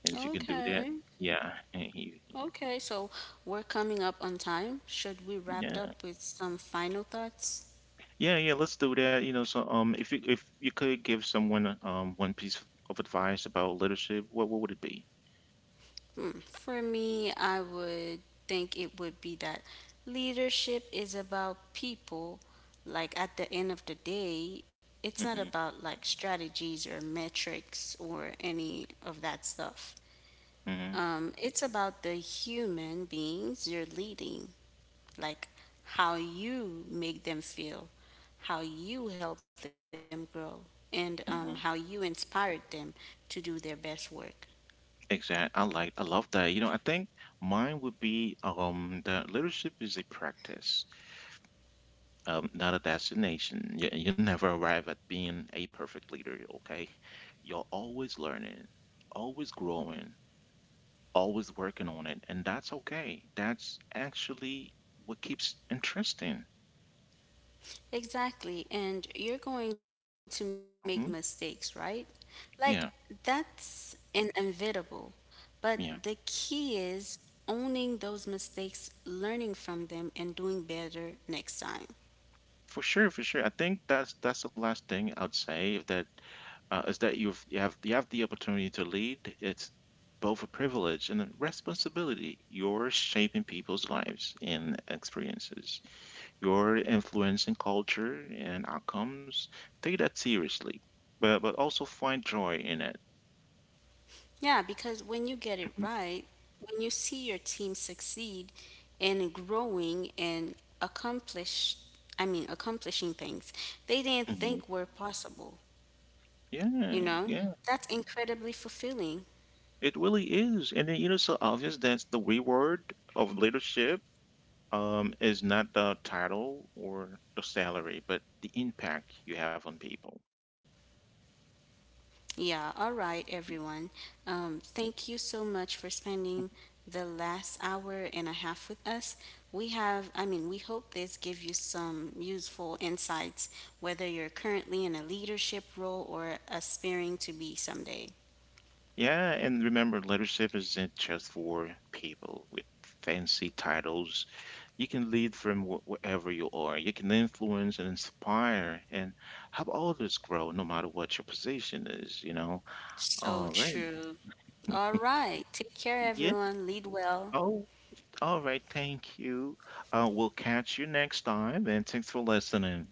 Speaker 1: and if you can do that,
Speaker 2: Okay.
Speaker 1: yeah, you-
Speaker 2: Okay. So we're coming up on time. Should we wrap
Speaker 1: yeah,
Speaker 2: up with some final thoughts?
Speaker 1: yeah, yeah, let's do that you know so um if you if you could give someone um one piece of advice about leadership, what, what would it be?
Speaker 2: Hmm, For me, I would think it would be that leadership is about people. Like at the end of the day, it's not
Speaker 1: Hmm.
Speaker 2: about like strategies or metrics or any of that stuff. Um, it's about the human beings you're leading, like how you make them feel, how you help them grow, and um, how you
Speaker 1: Hmm.
Speaker 2: inspired them to do their best work.
Speaker 1: Exactly. I like I love that. You know, I think mine would be um that leadership is a practice, um, not a destination. You, you never arrive at being a perfect leader, okay? You're always learning, always growing, always working on it, and that's okay. That's actually what keeps interesting.
Speaker 2: Exactly. And you're going to make mistakes,
Speaker 1: Hmm.
Speaker 2: right? Like,
Speaker 1: Yeah,
Speaker 2: that's inevitable. But the
Speaker 1: yeah.
Speaker 2: key is owning those mistakes, learning from them, and doing better next time.
Speaker 1: For sure, for sure. I think that's that's the last thing I'd say that uh, is that you've you have you have the opportunity to lead. It's both a privilege and a responsibility. You're shaping people's lives and experiences. You're influencing culture and outcomes. Take that seriously, but but also find joy in it.
Speaker 2: Yeah, because when you get it
Speaker 1: Mhm.
Speaker 2: right, when you see your team succeed and growing and accomplish, I mean, accomplishing things they didn't
Speaker 1: Mhm.
Speaker 2: think were possible, you
Speaker 1: Yeah,
Speaker 2: know,
Speaker 1: yeah,
Speaker 2: that's incredibly fulfilling.
Speaker 1: it really is. And then, you know, so obvious that's the reward of leadership um, is not the title or the salary, but the impact you have on people.
Speaker 2: Yeah, all right, everyone. Um, thank you so much for spending the last hour and a half with us. We have, I mean, we hope this gives you some useful insights, whether you're currently in a leadership role or aspiring to be someday.
Speaker 1: Yeah, and remember, leadership isn't just for people with fancy titles. You can lead from wh- wherever you are. You can influence and inspire and help others grow, no matter what your position is, you know?
Speaker 2: So
Speaker 1: All right.
Speaker 2: true. All right, take care,
Speaker 1: Yeah.
Speaker 2: everyone. Lead well.
Speaker 1: Oh, all right. Thank you. Uh, we'll catch you next time, and thanks for listening.